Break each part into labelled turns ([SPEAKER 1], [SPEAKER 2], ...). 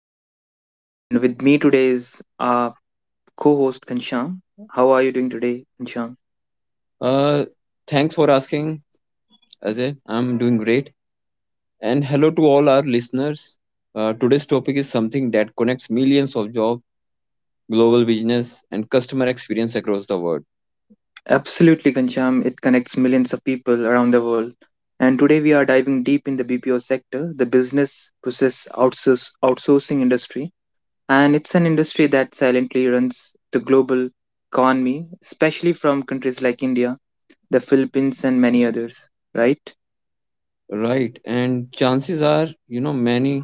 [SPEAKER 1] Ajay, and with me today is our co host, Kansham. How are you doing today, Kansham?
[SPEAKER 2] Uh, Thanks for asking, Ajay. I'm doing great. And hello to all our listeners. Today's topic is something that connects millions of jobs, global business, and customer experience across the world.
[SPEAKER 1] Absolutely, Kansham. It connects millions of people around the world. And today, we are diving deep in the BPO sector, the outsourcing industry. And it's an industry that silently runs the global economy, especially from countries like India, the Philippines, and many others, right?
[SPEAKER 2] Right. And chances are, you know, many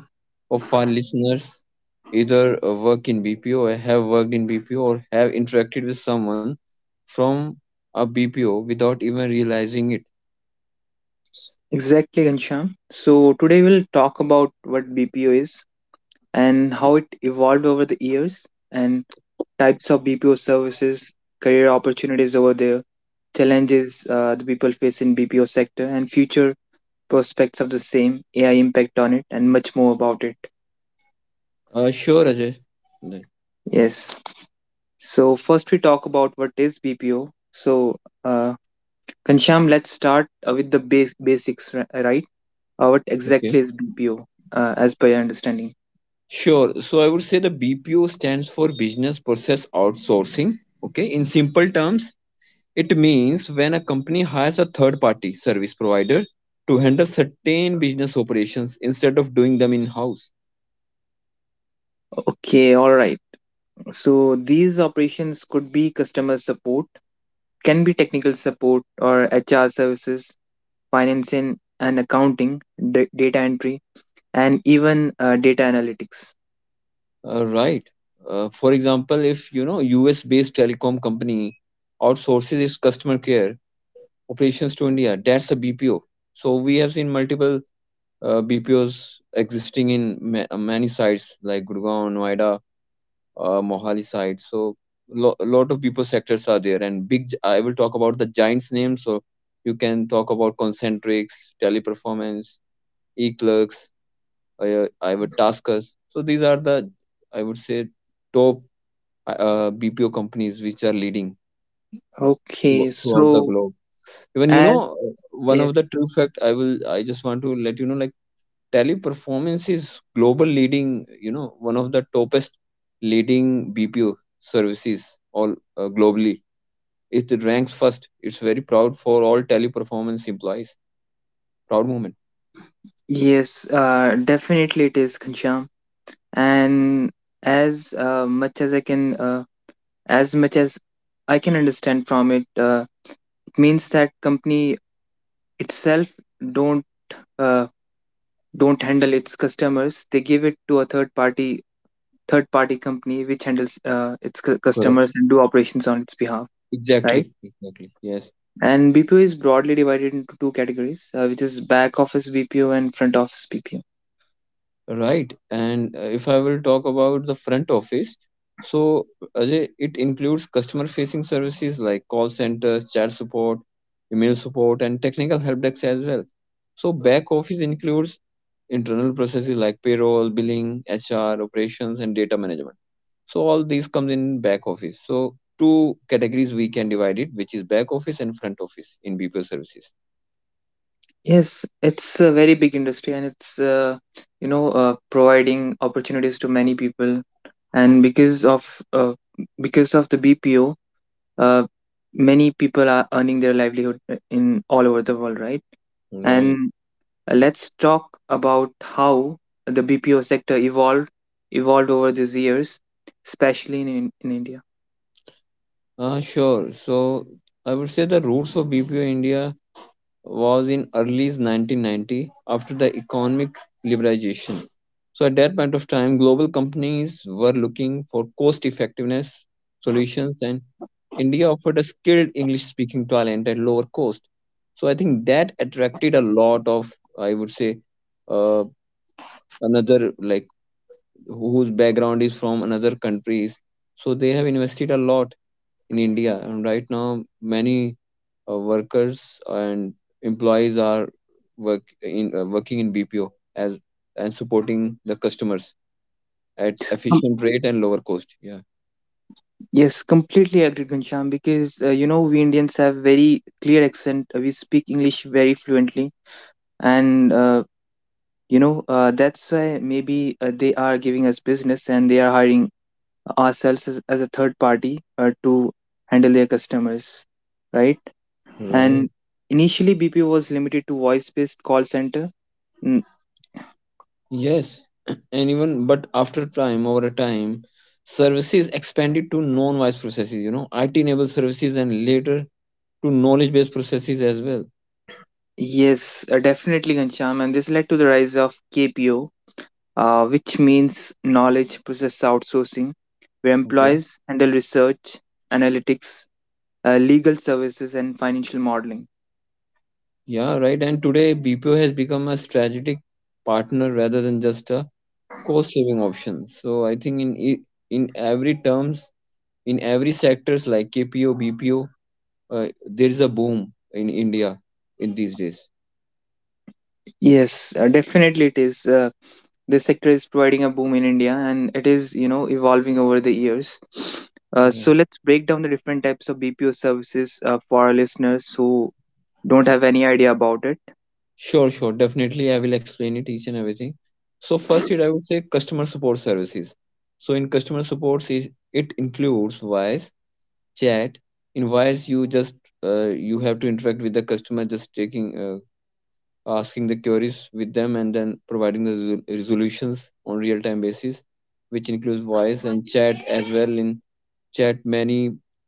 [SPEAKER 2] of our listeners either work in BPO, or have worked in BPO, or have interacted with someone from a BPO without even realizing it.
[SPEAKER 1] Exactly, Ghanshyam. So today we'll talk about what BPO is and how it evolved over the years and types of BPO services, career opportunities over there, challenges the people face in BPO sector and future prospects of the same, AI impact on it and much more about it.
[SPEAKER 2] Sure, Ajay. Like,
[SPEAKER 1] Yes. So first we talk about what is BPO. So uh, Ghanshyam, let's start with the base basics, right? What
[SPEAKER 2] okay.
[SPEAKER 1] exactly is BPO as per your understanding?
[SPEAKER 2] Sure. So I would say the BPO stands for Business Process Outsourcing. Okay. In simple terms, it means when a company hires a third party service provider to handle certain business operations instead of doing them in house.
[SPEAKER 1] Okay, all right. So these operations could be customer support, can be technical support or HR services, financing and accounting, data entry, and even data analytics.
[SPEAKER 2] Right. For example, if you know US based telecom company outsources its customer care operations to India, that's a BPO. So we have seen multiple BPOs existing in many sites like Gurgaon, Noida, Mohali side. So lot of people sectors are there, and I will talk about the giants' names. So you can talk about Concentrics, Teleperformance, Eclercs, I would Taskus. So these are the I would say top BPO companies which are leading
[SPEAKER 1] Okay,
[SPEAKER 2] throughout the
[SPEAKER 1] so
[SPEAKER 2] globe. Even you know
[SPEAKER 1] as
[SPEAKER 2] one
[SPEAKER 1] yes,
[SPEAKER 2] of the true
[SPEAKER 1] yes,
[SPEAKER 2] fact I just want to let you know like Teleperformance is global leading, you know, one of the topest leading BPO services all globally. It ranks first. It's very proud for all teleperformance employees. Proud moment.
[SPEAKER 1] yes, definitely it is Kancham, and as much as I can, as much as I can understand from it, it means that company itself don't uh, don't handle its customers. They give it to a third party company which handles its
[SPEAKER 2] Correct.
[SPEAKER 1] customers and do operations on its behalf, right?
[SPEAKER 2] Exactly. Yes,
[SPEAKER 1] And BPO is broadly divided into two categories, which is back office BPO and front office BPO.
[SPEAKER 2] right. And if I will talk about the front office, so Ajay, it includes customer facing services like call centers, chat support, email support, and technical help desk as well. So back office includes internal processes like payroll, billing, HR, operations, and data management. So all these comes in back office. So two categories we can divide it, which is back office and front office in BPO services.
[SPEAKER 1] Yes, it's a very big industry and it's providing opportunities to many people, and uh, because of the BPO, uh, many people are earning their livelihood in all over the world, right?
[SPEAKER 2] Right.
[SPEAKER 1] And let's talk about how the BPO sector evolved over these years, especially in India.
[SPEAKER 2] Sure. So I would say the roots of BPO India was in early 1990 after the economic liberalization. So at that point of time, global companies were looking for cost effectiveness solutions and India offered a skilled English speaking talent at lower cost. So I think that attracted a lot of, I would say, uh, another like whose background is from another countries. So they have invested a lot in India. And right now, many workers and employees are working in BPO as and supporting the customers at
[SPEAKER 1] Yes, com-
[SPEAKER 2] efficient rate and lower cost. Yeah,
[SPEAKER 1] yes, completely agree, Ghanshyam, because we Indians have very clear accent. We speak English very fluently, and that's why maybe they are giving us business and they are hiring ourselves as a third party to handle their customers, right?
[SPEAKER 2] right.
[SPEAKER 1] And initially, BPO was limited to voice-based call center.
[SPEAKER 2] Yes, and even but after time over a time, services expanded to non-wise processes. You know, IT-enabled services and later to knowledge-based processes as well.
[SPEAKER 1] Yes, definitely, Ghanshyam. And this led to the rise of KPO, which means knowledge process outsourcing, where
[SPEAKER 2] Okay.
[SPEAKER 1] employees handle research, analytics, legal services, and financial modeling.
[SPEAKER 2] Yeah, right. And today BPO has become a strategic partner rather than just a cost saving options. So I think in in every terms, in every sectors like KPO, BPO, there is a boom in India in these days.
[SPEAKER 1] Yes, definitely it is. This sector is providing a boom in India and it is, you know, evolving over the years. Uh,
[SPEAKER 2] Right.
[SPEAKER 1] so let's break down the different types of BPO services for our listeners who don't have any idea about it.
[SPEAKER 2] Sure. Definitely, I will explain it each and everything. So first, it I would say customer support services. So in customer support, is it includes voice chat. In voice, you just you have to interact with the customer, just taking asking the queries with them and then providing the resolutions on real time basis which includes voice and chat as well. In chat, many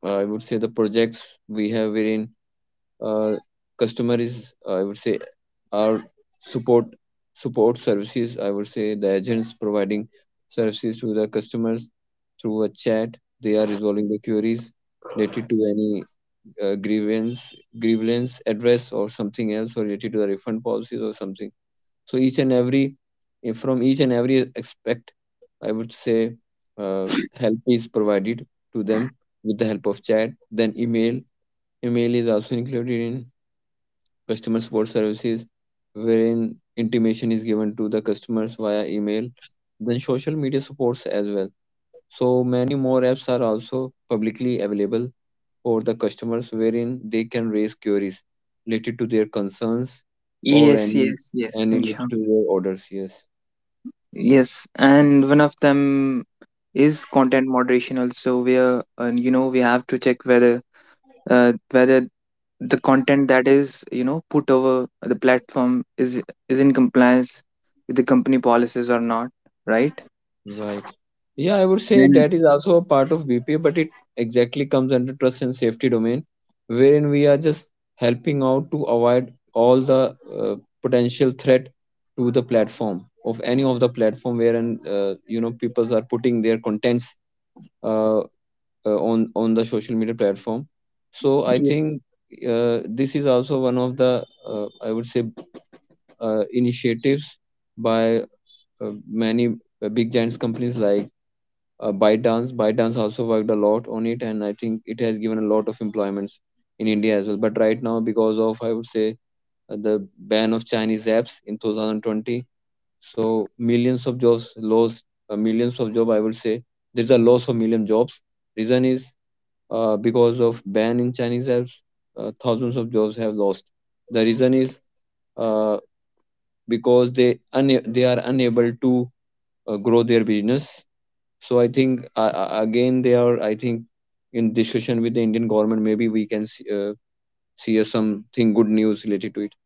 [SPEAKER 2] I would say the projects we have wherein uh, customer is I would say our support support services I would say the agents providing services to the customers through a chat, they are resolving the queries related to any grievance address or something else, or related to the refund policies or something. So each and every from each and every aspect, I would say uh, help is provided to them with the help of chat. Then email, email is also included in customer support services wherein intimation is given to the customers via email. Then social media supports as well. So many more apps are also publicly available for the customers wherein they can raise queries related to their concerns or
[SPEAKER 1] Yes, yes, yes,
[SPEAKER 2] any related
[SPEAKER 1] Ghanshyam.
[SPEAKER 2] to their orders. Yes,
[SPEAKER 1] Yes, and one of them is content moderation also, where we have to check whether the content that is you know put over the platform is in compliance with the company policies or not, right?
[SPEAKER 2] right. Yeah, I would say
[SPEAKER 1] Then
[SPEAKER 2] that is also a part of BPA, but it exactly comes under trust and safety domain, wherein we are just helping out to avoid all the uh, potential threat to the platform, of any of the platform wherein you know people are putting their contents uh, uh, on the social media platform. So I
[SPEAKER 1] yeah.
[SPEAKER 2] think this is also one of the I would say initiatives by many big giants companies like ByteDance. ByteDance also worked a lot on it, and I think it has given a lot of employments in India as well. But right now, because of I would say the ban of Chinese apps in 2020, so millions of jobs lost, millions of job I would say there's a loss of million jobs. Reason is because of ban in Chinese apps, thousands of jobs have lost. The reason is uh, because they are unable to grow their business. So I think again they are I think in discussion with the Indian government. Maybe we can see, something good news related to it.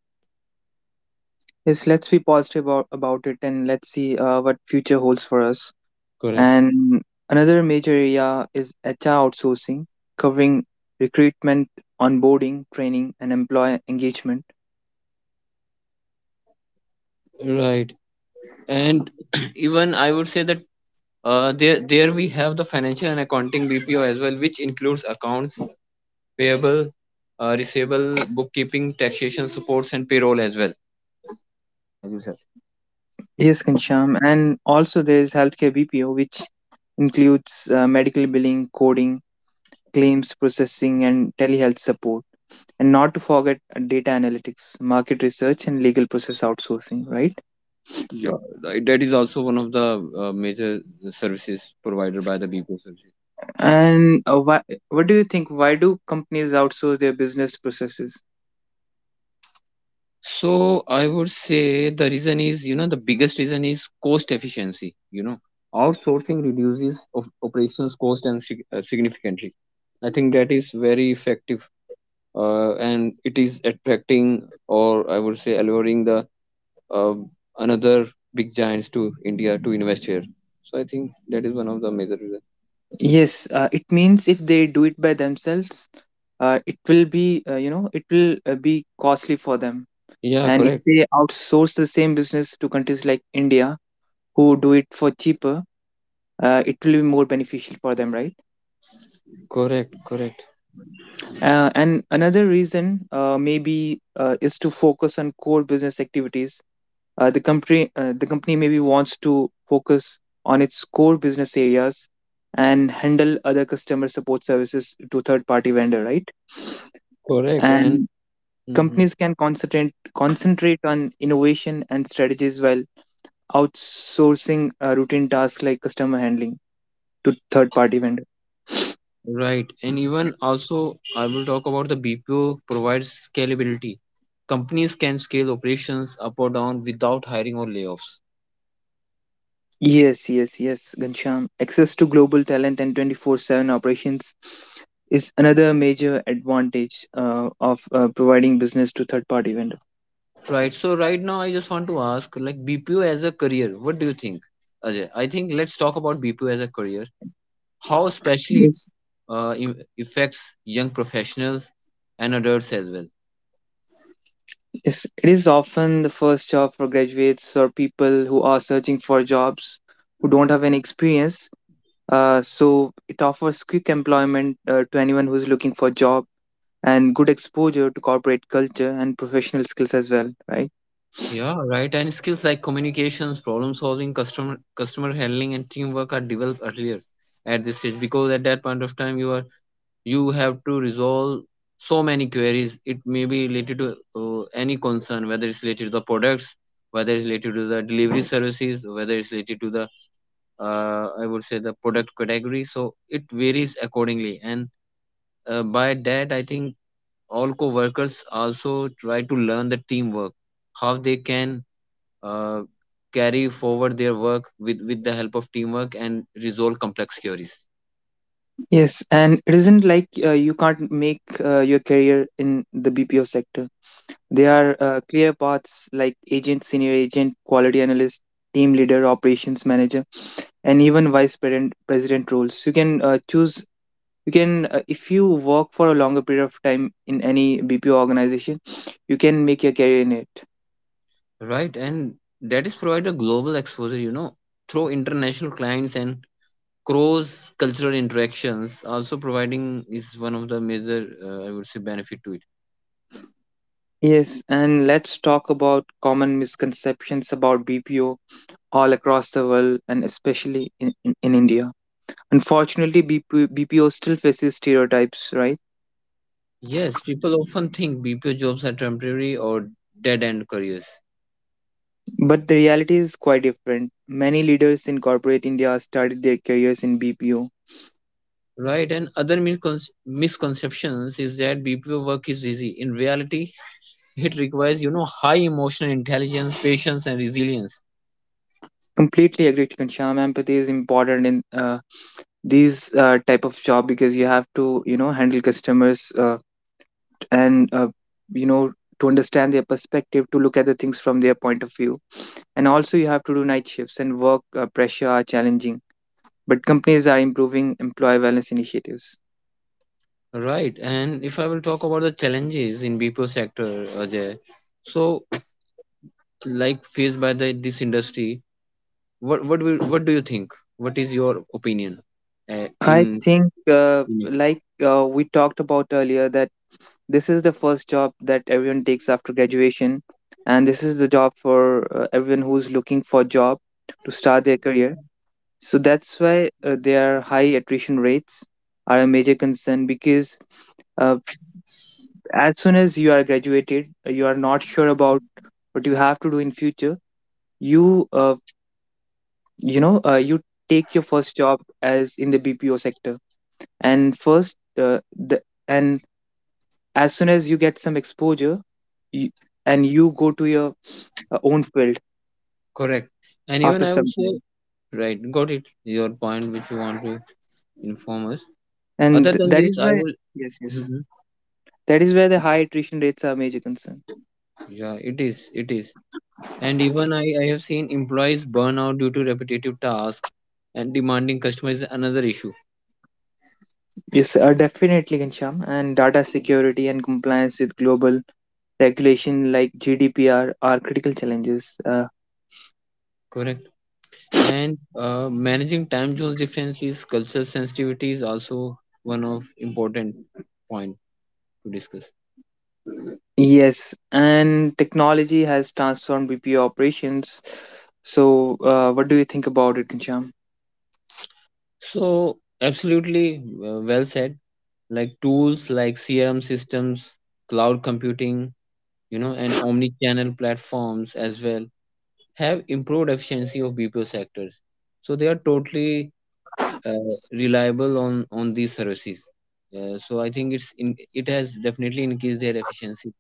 [SPEAKER 1] Yes, let's be positive about it and let's see what future holds for us.
[SPEAKER 2] Correct.
[SPEAKER 1] And another major area is HR outsourcing, covering recruitment, onboarding, training, and employee engagement.
[SPEAKER 2] Right. And even I would say that there we have the financial and accounting BPO as well, which includes accounts payable, receivable, bookkeeping, taxation supports, and payroll as well. As you said,
[SPEAKER 1] Yes, Kancham. And also there is healthcare BPO, which includes medical billing, coding, claims processing, and telehealth support. And not to forget data analytics, market research, and legal process outsourcing, right?
[SPEAKER 2] yeah. Right, that is also one of the major services provided by the BPO services.
[SPEAKER 1] And what do you think? Why do companies outsource their business processes?
[SPEAKER 2] So I would say the reason is, you know, the biggest reason is cost efficiency. You know, outsourcing reduces of operations cost and significantly. I think that is very effective, and it is attracting, or I would say alluring the uh, another big giants to India to invest here. So I think that is one of the major reasons.
[SPEAKER 1] Yes, it means if they do it by themselves, it will be, it will be costly for them.
[SPEAKER 2] Yeah,
[SPEAKER 1] And if they outsource the same business to countries like India, who do it for cheaper, it will be more beneficial for them, right?
[SPEAKER 2] correct, correct,
[SPEAKER 1] And another reason maybe is to focus on core business activities. The company maybe wants to focus on its core business areas and handle other customer support services to third party vendor, right?
[SPEAKER 2] correct, and
[SPEAKER 1] And
[SPEAKER 2] mhm.
[SPEAKER 1] companies can concentrate on innovation and strategies while outsourcing routine tasks like customer handling to third party vendors.
[SPEAKER 2] Right, and even also, I will talk about the BPO provides scalability. Companies can scale operations up or down without hiring or layoffs.
[SPEAKER 1] Yes, yes, yes, Gansham. Access to global talent and 24/7 operations is another major advantage of providing business to third-party vendor.
[SPEAKER 2] Right, so right now I just want to ask, like BPO as a career, what do you think, Ajay? I think let's talk about BPO as a career. How especially it
[SPEAKER 1] Yes.
[SPEAKER 2] affects young professionals and adults as well.
[SPEAKER 1] Yes, it is often the first job for graduates or people who are searching for jobs who don't have any experience. So it offers quick employment to anyone who's looking for a job and good exposure to corporate culture and professional skills as well, right?
[SPEAKER 2] Yeah, right. And skills like communications, problem solving, customer handling, and teamwork are developed earlier at this stage, because at that point of time you are you have to resolve so many queries. It may be related to any concern, whether it's related to the products, whether it's related to the delivery services, whether it's related to the I would say the product category. So it varies accordingly. And by that I think all co-workers also try to learn the teamwork, how they can uh, carry forward their work with the help of teamwork and resolve complex queries.
[SPEAKER 1] Yes, and it isn't like you can't make your career in the BPO sector. There are clear paths like agent, senior agent, quality analyst, team leader, operations manager, and even vice president, president roles. You can choose. If you work for a longer period of time in any BPO organization, you can make your career in it.
[SPEAKER 2] Right, and that is provide a global exposure, you know, through international clients and cross cultural interactions. Also, providing is one of the major, I would say, benefit to it.
[SPEAKER 1] Yes, and let's talk about common misconceptions about BPO all across the world and especially in India. Unfortunately, BPO still faces stereotypes, right?
[SPEAKER 2] Yes, people often think BPO jobs are temporary or dead end careers.
[SPEAKER 1] But the reality is quite different. Many leaders in corporate India started their careers in BPO.
[SPEAKER 2] Right, and other misconceptions is that BPO work is easy. In reality, it requires, you know, high emotional intelligence, patience, and resilience.
[SPEAKER 1] Completely agree to Kansham. Empathy is important in these type of job because you have to, you know, handle customers and, you know, to understand their perspective, to look at the things from their point of view. And also you have to do night shifts and work pressure are challenging. But companies are improving employee wellness initiatives.
[SPEAKER 2] Right, and if I will talk about the challenges in BPO sector, Ajay. So like faced by the this industry, what do you think what is your opinion uh, in
[SPEAKER 1] I think, uh,
[SPEAKER 2] in it.
[SPEAKER 1] like uh, we talked about earlier, that this is the first job that everyone takes after graduation, and this is the job for everyone who's looking for job to start their career. So that's why their high attrition rates are a major concern because uh, as soon as you are graduated, you are not sure about what you have to do in future. You, uh, you take your first job as in the BPO sector, and first, the and as soon as you get some exposure you, and you go to your own field
[SPEAKER 2] Correct. And even
[SPEAKER 1] after
[SPEAKER 2] I
[SPEAKER 1] some
[SPEAKER 2] would say,
[SPEAKER 1] time,
[SPEAKER 2] right, got it your point which you want to inform us.
[SPEAKER 1] and
[SPEAKER 2] Other than
[SPEAKER 1] that
[SPEAKER 2] this
[SPEAKER 1] is
[SPEAKER 2] I
[SPEAKER 1] why,
[SPEAKER 2] will
[SPEAKER 1] yes, yes,
[SPEAKER 2] mhm.
[SPEAKER 1] that is where the high attrition rates are a major concern.
[SPEAKER 2] Yeah, it is, it is. And even i have seen employees burn out due to repetitive tasks and demanding customers is another issue.
[SPEAKER 1] Yes, definitely Gansham. And data security and compliance with global regulation like GDPR are critical challenges,
[SPEAKER 2] Correct. And managing time zones differences, cultural sensitivity is also one of important point to discuss.
[SPEAKER 1] yes. And technology has transformed BPO operations, so what do you think about it, Gansham?
[SPEAKER 2] So, absolutely well said. Like tools like CRM systems, cloud computing, you know, and omni-channel platforms as well have improved efficiency of BPO sectors. So they are totally uh, reliable on these services. So I think it has definitely increased their efficiency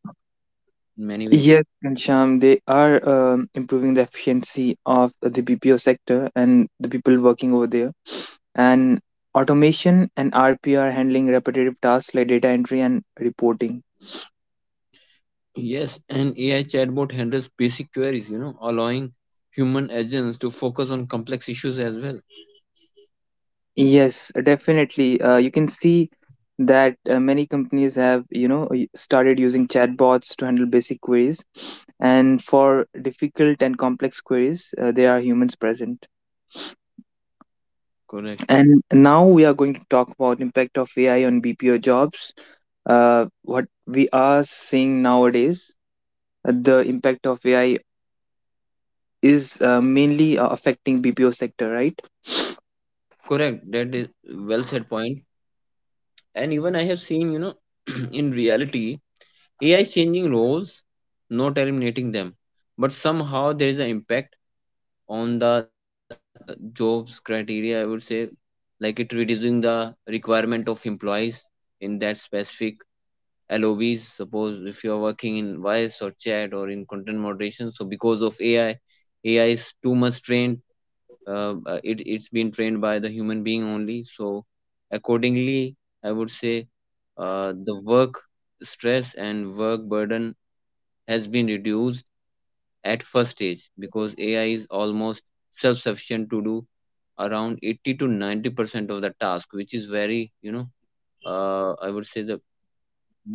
[SPEAKER 2] in many ways.
[SPEAKER 1] Yes, Kancham, they are improving the efficiency of the BPO sector and the people working over there. And automation and RPA are handling repetitive tasks like data entry and reporting.
[SPEAKER 2] Yes, and AI chatbot handles basic queries, you know, allowing human agents to focus on complex issues as well.
[SPEAKER 1] Yes, definitely. You can see that many companies have, you know, started using chatbots to handle basic queries. And for difficult and complex queries, there are humans present.
[SPEAKER 2] Correct.
[SPEAKER 1] And now we are going to talk about impact of AI on BPO jobs. What we are seeing nowadays, The impact of AI is mainly affecting BPO sector, right?
[SPEAKER 2] Correct. That is well said point. And even I have seen, you know, in reality, AI is changing roles, not eliminating them. But somehow there is an impact on the jobs criteria, I would say, like it reducing the requirement of employees in that specific LOBs. Suppose if you're working in voice or chat or in content moderation, so because of AI, AI is too much trained it's been trained by the human being only. So accordingly, I would say the work stress and work burden has been reduced at first stage because AI is almost self sufficient to do around 80 to 90% of the task which is very you know I would say the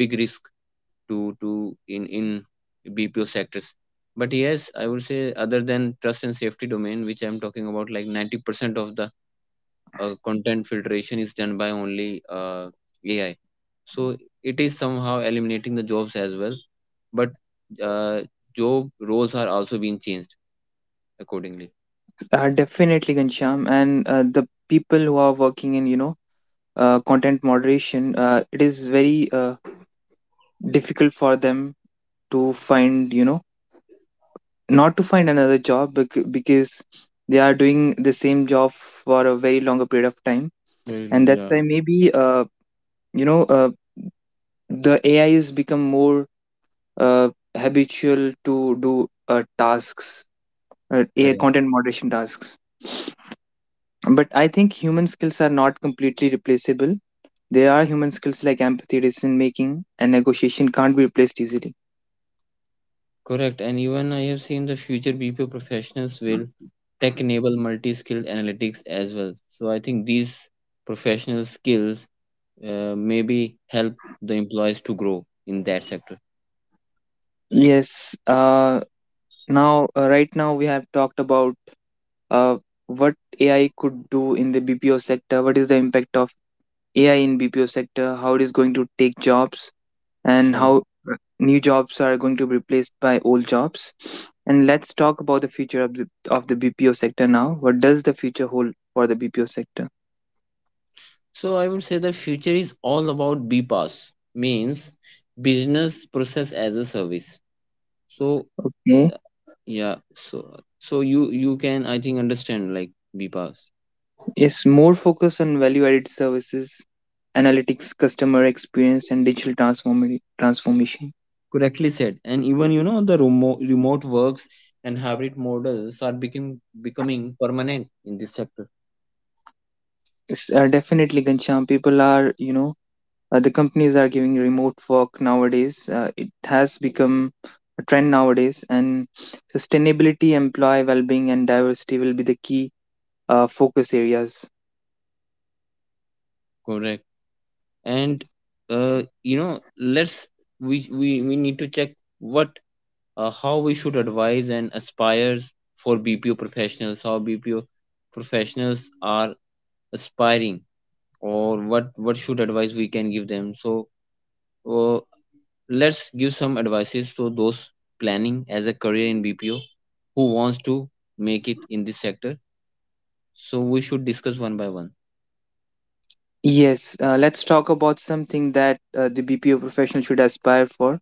[SPEAKER 2] big risk to in BPO sectors. But yes, I would say other than trust and safety domain, which I'm talking about, like 90% of the content filtration is done by only AI. So it is somehow eliminating the jobs as well, but uh, job roles are also being changed accordingly.
[SPEAKER 1] Definitely, Gansham, and the people who are working in content moderation, it is very difficult for them to find you know not to find another job because they are doing the same job for a very longer period of time,
[SPEAKER 2] Very low,
[SPEAKER 1] and that's
[SPEAKER 2] yeah.
[SPEAKER 1] why maybe you know uh, the AI has become more uh, habitual to do tasks AI
[SPEAKER 2] Correct.
[SPEAKER 1] content moderation tasks. But I think human skills are not completely replaceable. There are human skills like empathy, decision making, and negotiation can't be replaced easily.
[SPEAKER 2] Correct. And even I have seen the future BPO professionals will tech enable multi skilled analytics as well. So I think these professional skills maybe help the employees to grow in that sector.
[SPEAKER 1] Yes, uh, now right now we have talked about uh, what AI could do in the BPO sector, what is the impact of AI in BPO sector, how it is going to take jobs, and how
[SPEAKER 2] Sure.
[SPEAKER 1] new jobs are going to be replaced by old jobs. And let's talk about the future of the BPO sector now. What does the future hold for the BPO sector?
[SPEAKER 2] So I would say the future is all about BPaaS, means business process as a service. So
[SPEAKER 1] Okay.
[SPEAKER 2] uh, yeah, so so you can, I think, understand like BPaaS,
[SPEAKER 1] Yes, more focus on value added services, analytics, customer experience, and digital transformation.
[SPEAKER 2] correctly said, and even you know the remote works and hybrid models are becoming permanent in this sector.
[SPEAKER 1] It's, definitely, Gansham, people are, you know, the companies are giving remote work nowadays. It has become a trend nowadays, and sustainability, employee well being, and diversity will be the key focus areas.
[SPEAKER 2] Correct. And you know, let's, we need to check what, how we should advise and aspire for BPO professionals, how BPO professionals are aspiring, or what should advice we can give them. So uh, let's give some advices to those planning as a career in BPO who wants to make it in this sector. So we should discuss one by one.
[SPEAKER 1] Yes, let's talk about something that the BPO professional should aspire for,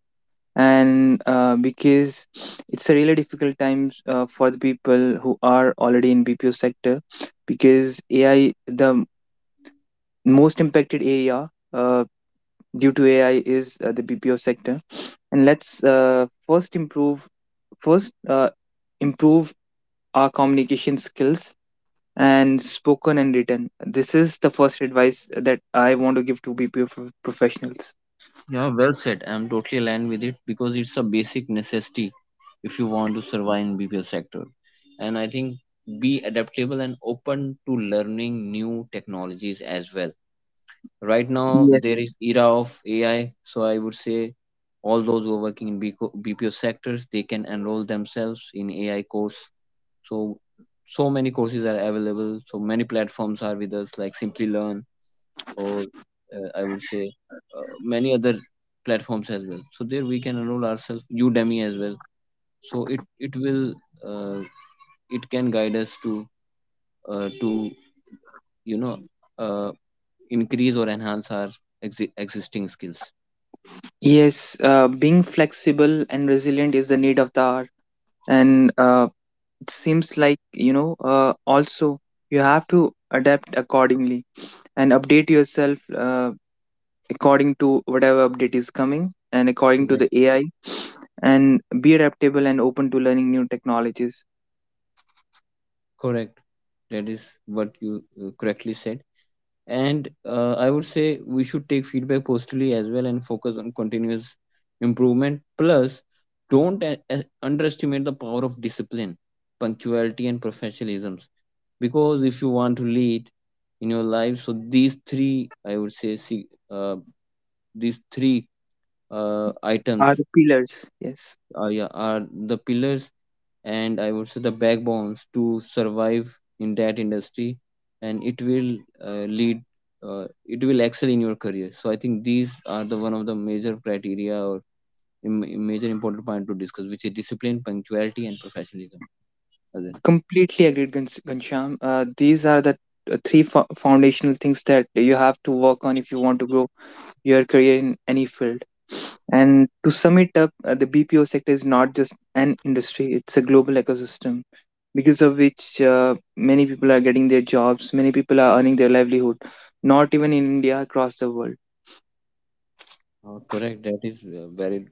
[SPEAKER 1] and because it's a really difficult time for the people who are already in BPO sector, because AI the most impacted area due to AI is the BPO sector, and let's first improve our communication skills and spoken and written. This is the first advice that I want to give to BPO professionals.
[SPEAKER 2] Yeah, well said. I'm totally aligned with it because it's a basic necessity if you want to survive in BPO sector. And I think be adaptable and open to learning new technologies as well. Right now there
[SPEAKER 1] Yes.
[SPEAKER 2] is era of AI, so I would say all those who are working in BCO BPO sectors, they can enroll themselves in AI course. So so many courses are available. So many platforms are with us like Simply Learn, or I would say many other platforms as well. So there we can enroll ourselves, Udemy as well. So it will uh, it can guide us to to you know uh, increase or enhance our existing skills.
[SPEAKER 1] Yes, being flexible and resilient is the need of the hour. And it seems like, you know, also you have to adapt accordingly and update yourself according to whatever update is coming and according to
[SPEAKER 2] Right.
[SPEAKER 1] the AI, and be adaptable and open to learning new technologies
[SPEAKER 2] Correct. That is what you correctly said. And I would say we should take feedback positively as well and focus on continuous improvement, plus don't underestimate the power of discipline, punctuality and professionalism, because if you want to lead in your life, so these three, I would say, see, uh, these three
[SPEAKER 1] are
[SPEAKER 2] items
[SPEAKER 1] the pillars. Yes.
[SPEAKER 2] are, yeah, are the pillars, and I would say the backbones to survive in that industry, and it will lead. It will excel in your career. So I think these are the one of the major criteria or major important point to discuss, which is discipline, punctuality, and professionalism. Ajay.
[SPEAKER 1] Completely agreed, Gansham. These are the three foundational things that you have to work on if you want to grow your career in any field. And to sum it up, the BPO sector is not just an industry, it's a global ecosystem because of which many people are getting their jobs, many people are earning their livelihood, not even in India, across the world.
[SPEAKER 2] Correct. That is very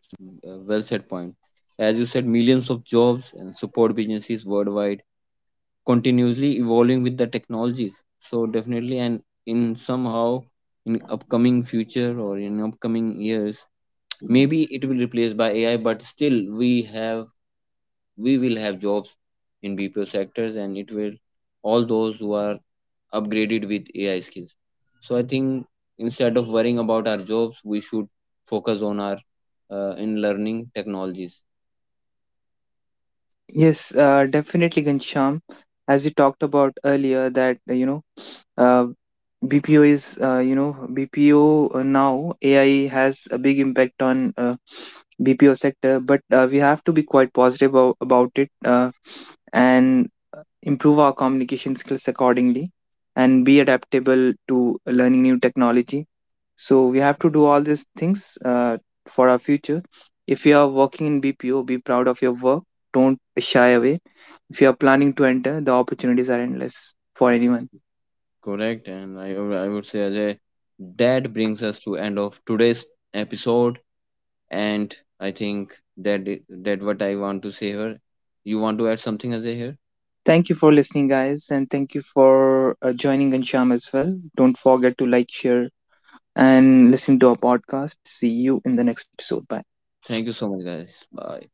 [SPEAKER 2] well said point. As you said, millions of jobs and support businesses worldwide, continuously evolving with the technologies. So definitely, and in somehow, in upcoming future or in upcoming years, maybe it will replace by AI. But still, we will have jobs in BPO sectors, and it will all those who are upgraded with AI skills. So I think instead of worrying about our jobs, we should focus on our in learning technologies.
[SPEAKER 1] Yes, definitely, Gansham. As you talked about earlier, that you know uh, BPO is, you know, BPO now AI has a big impact on BPO sector, but we have to be quite positive about it and improve our communication skills accordingly and be adaptable to learning new technology. So we have to do all these things for our future. If you are working in BPO, be proud of your work. Don't shy away. If you are planning to enter, the opportunities are endless for anyone.
[SPEAKER 2] Correct, and I, I would say Ajay, that brings us to end of today's episode, and I think that that what I want to say here. You want to add something, Ajay, here?
[SPEAKER 1] Thank you for listening, guys, and thank you for joining and as well. Don't forget to like, share, and listen to our podcast. See you in the next episode. Bye.
[SPEAKER 2] Thank you so much, guys. Bye.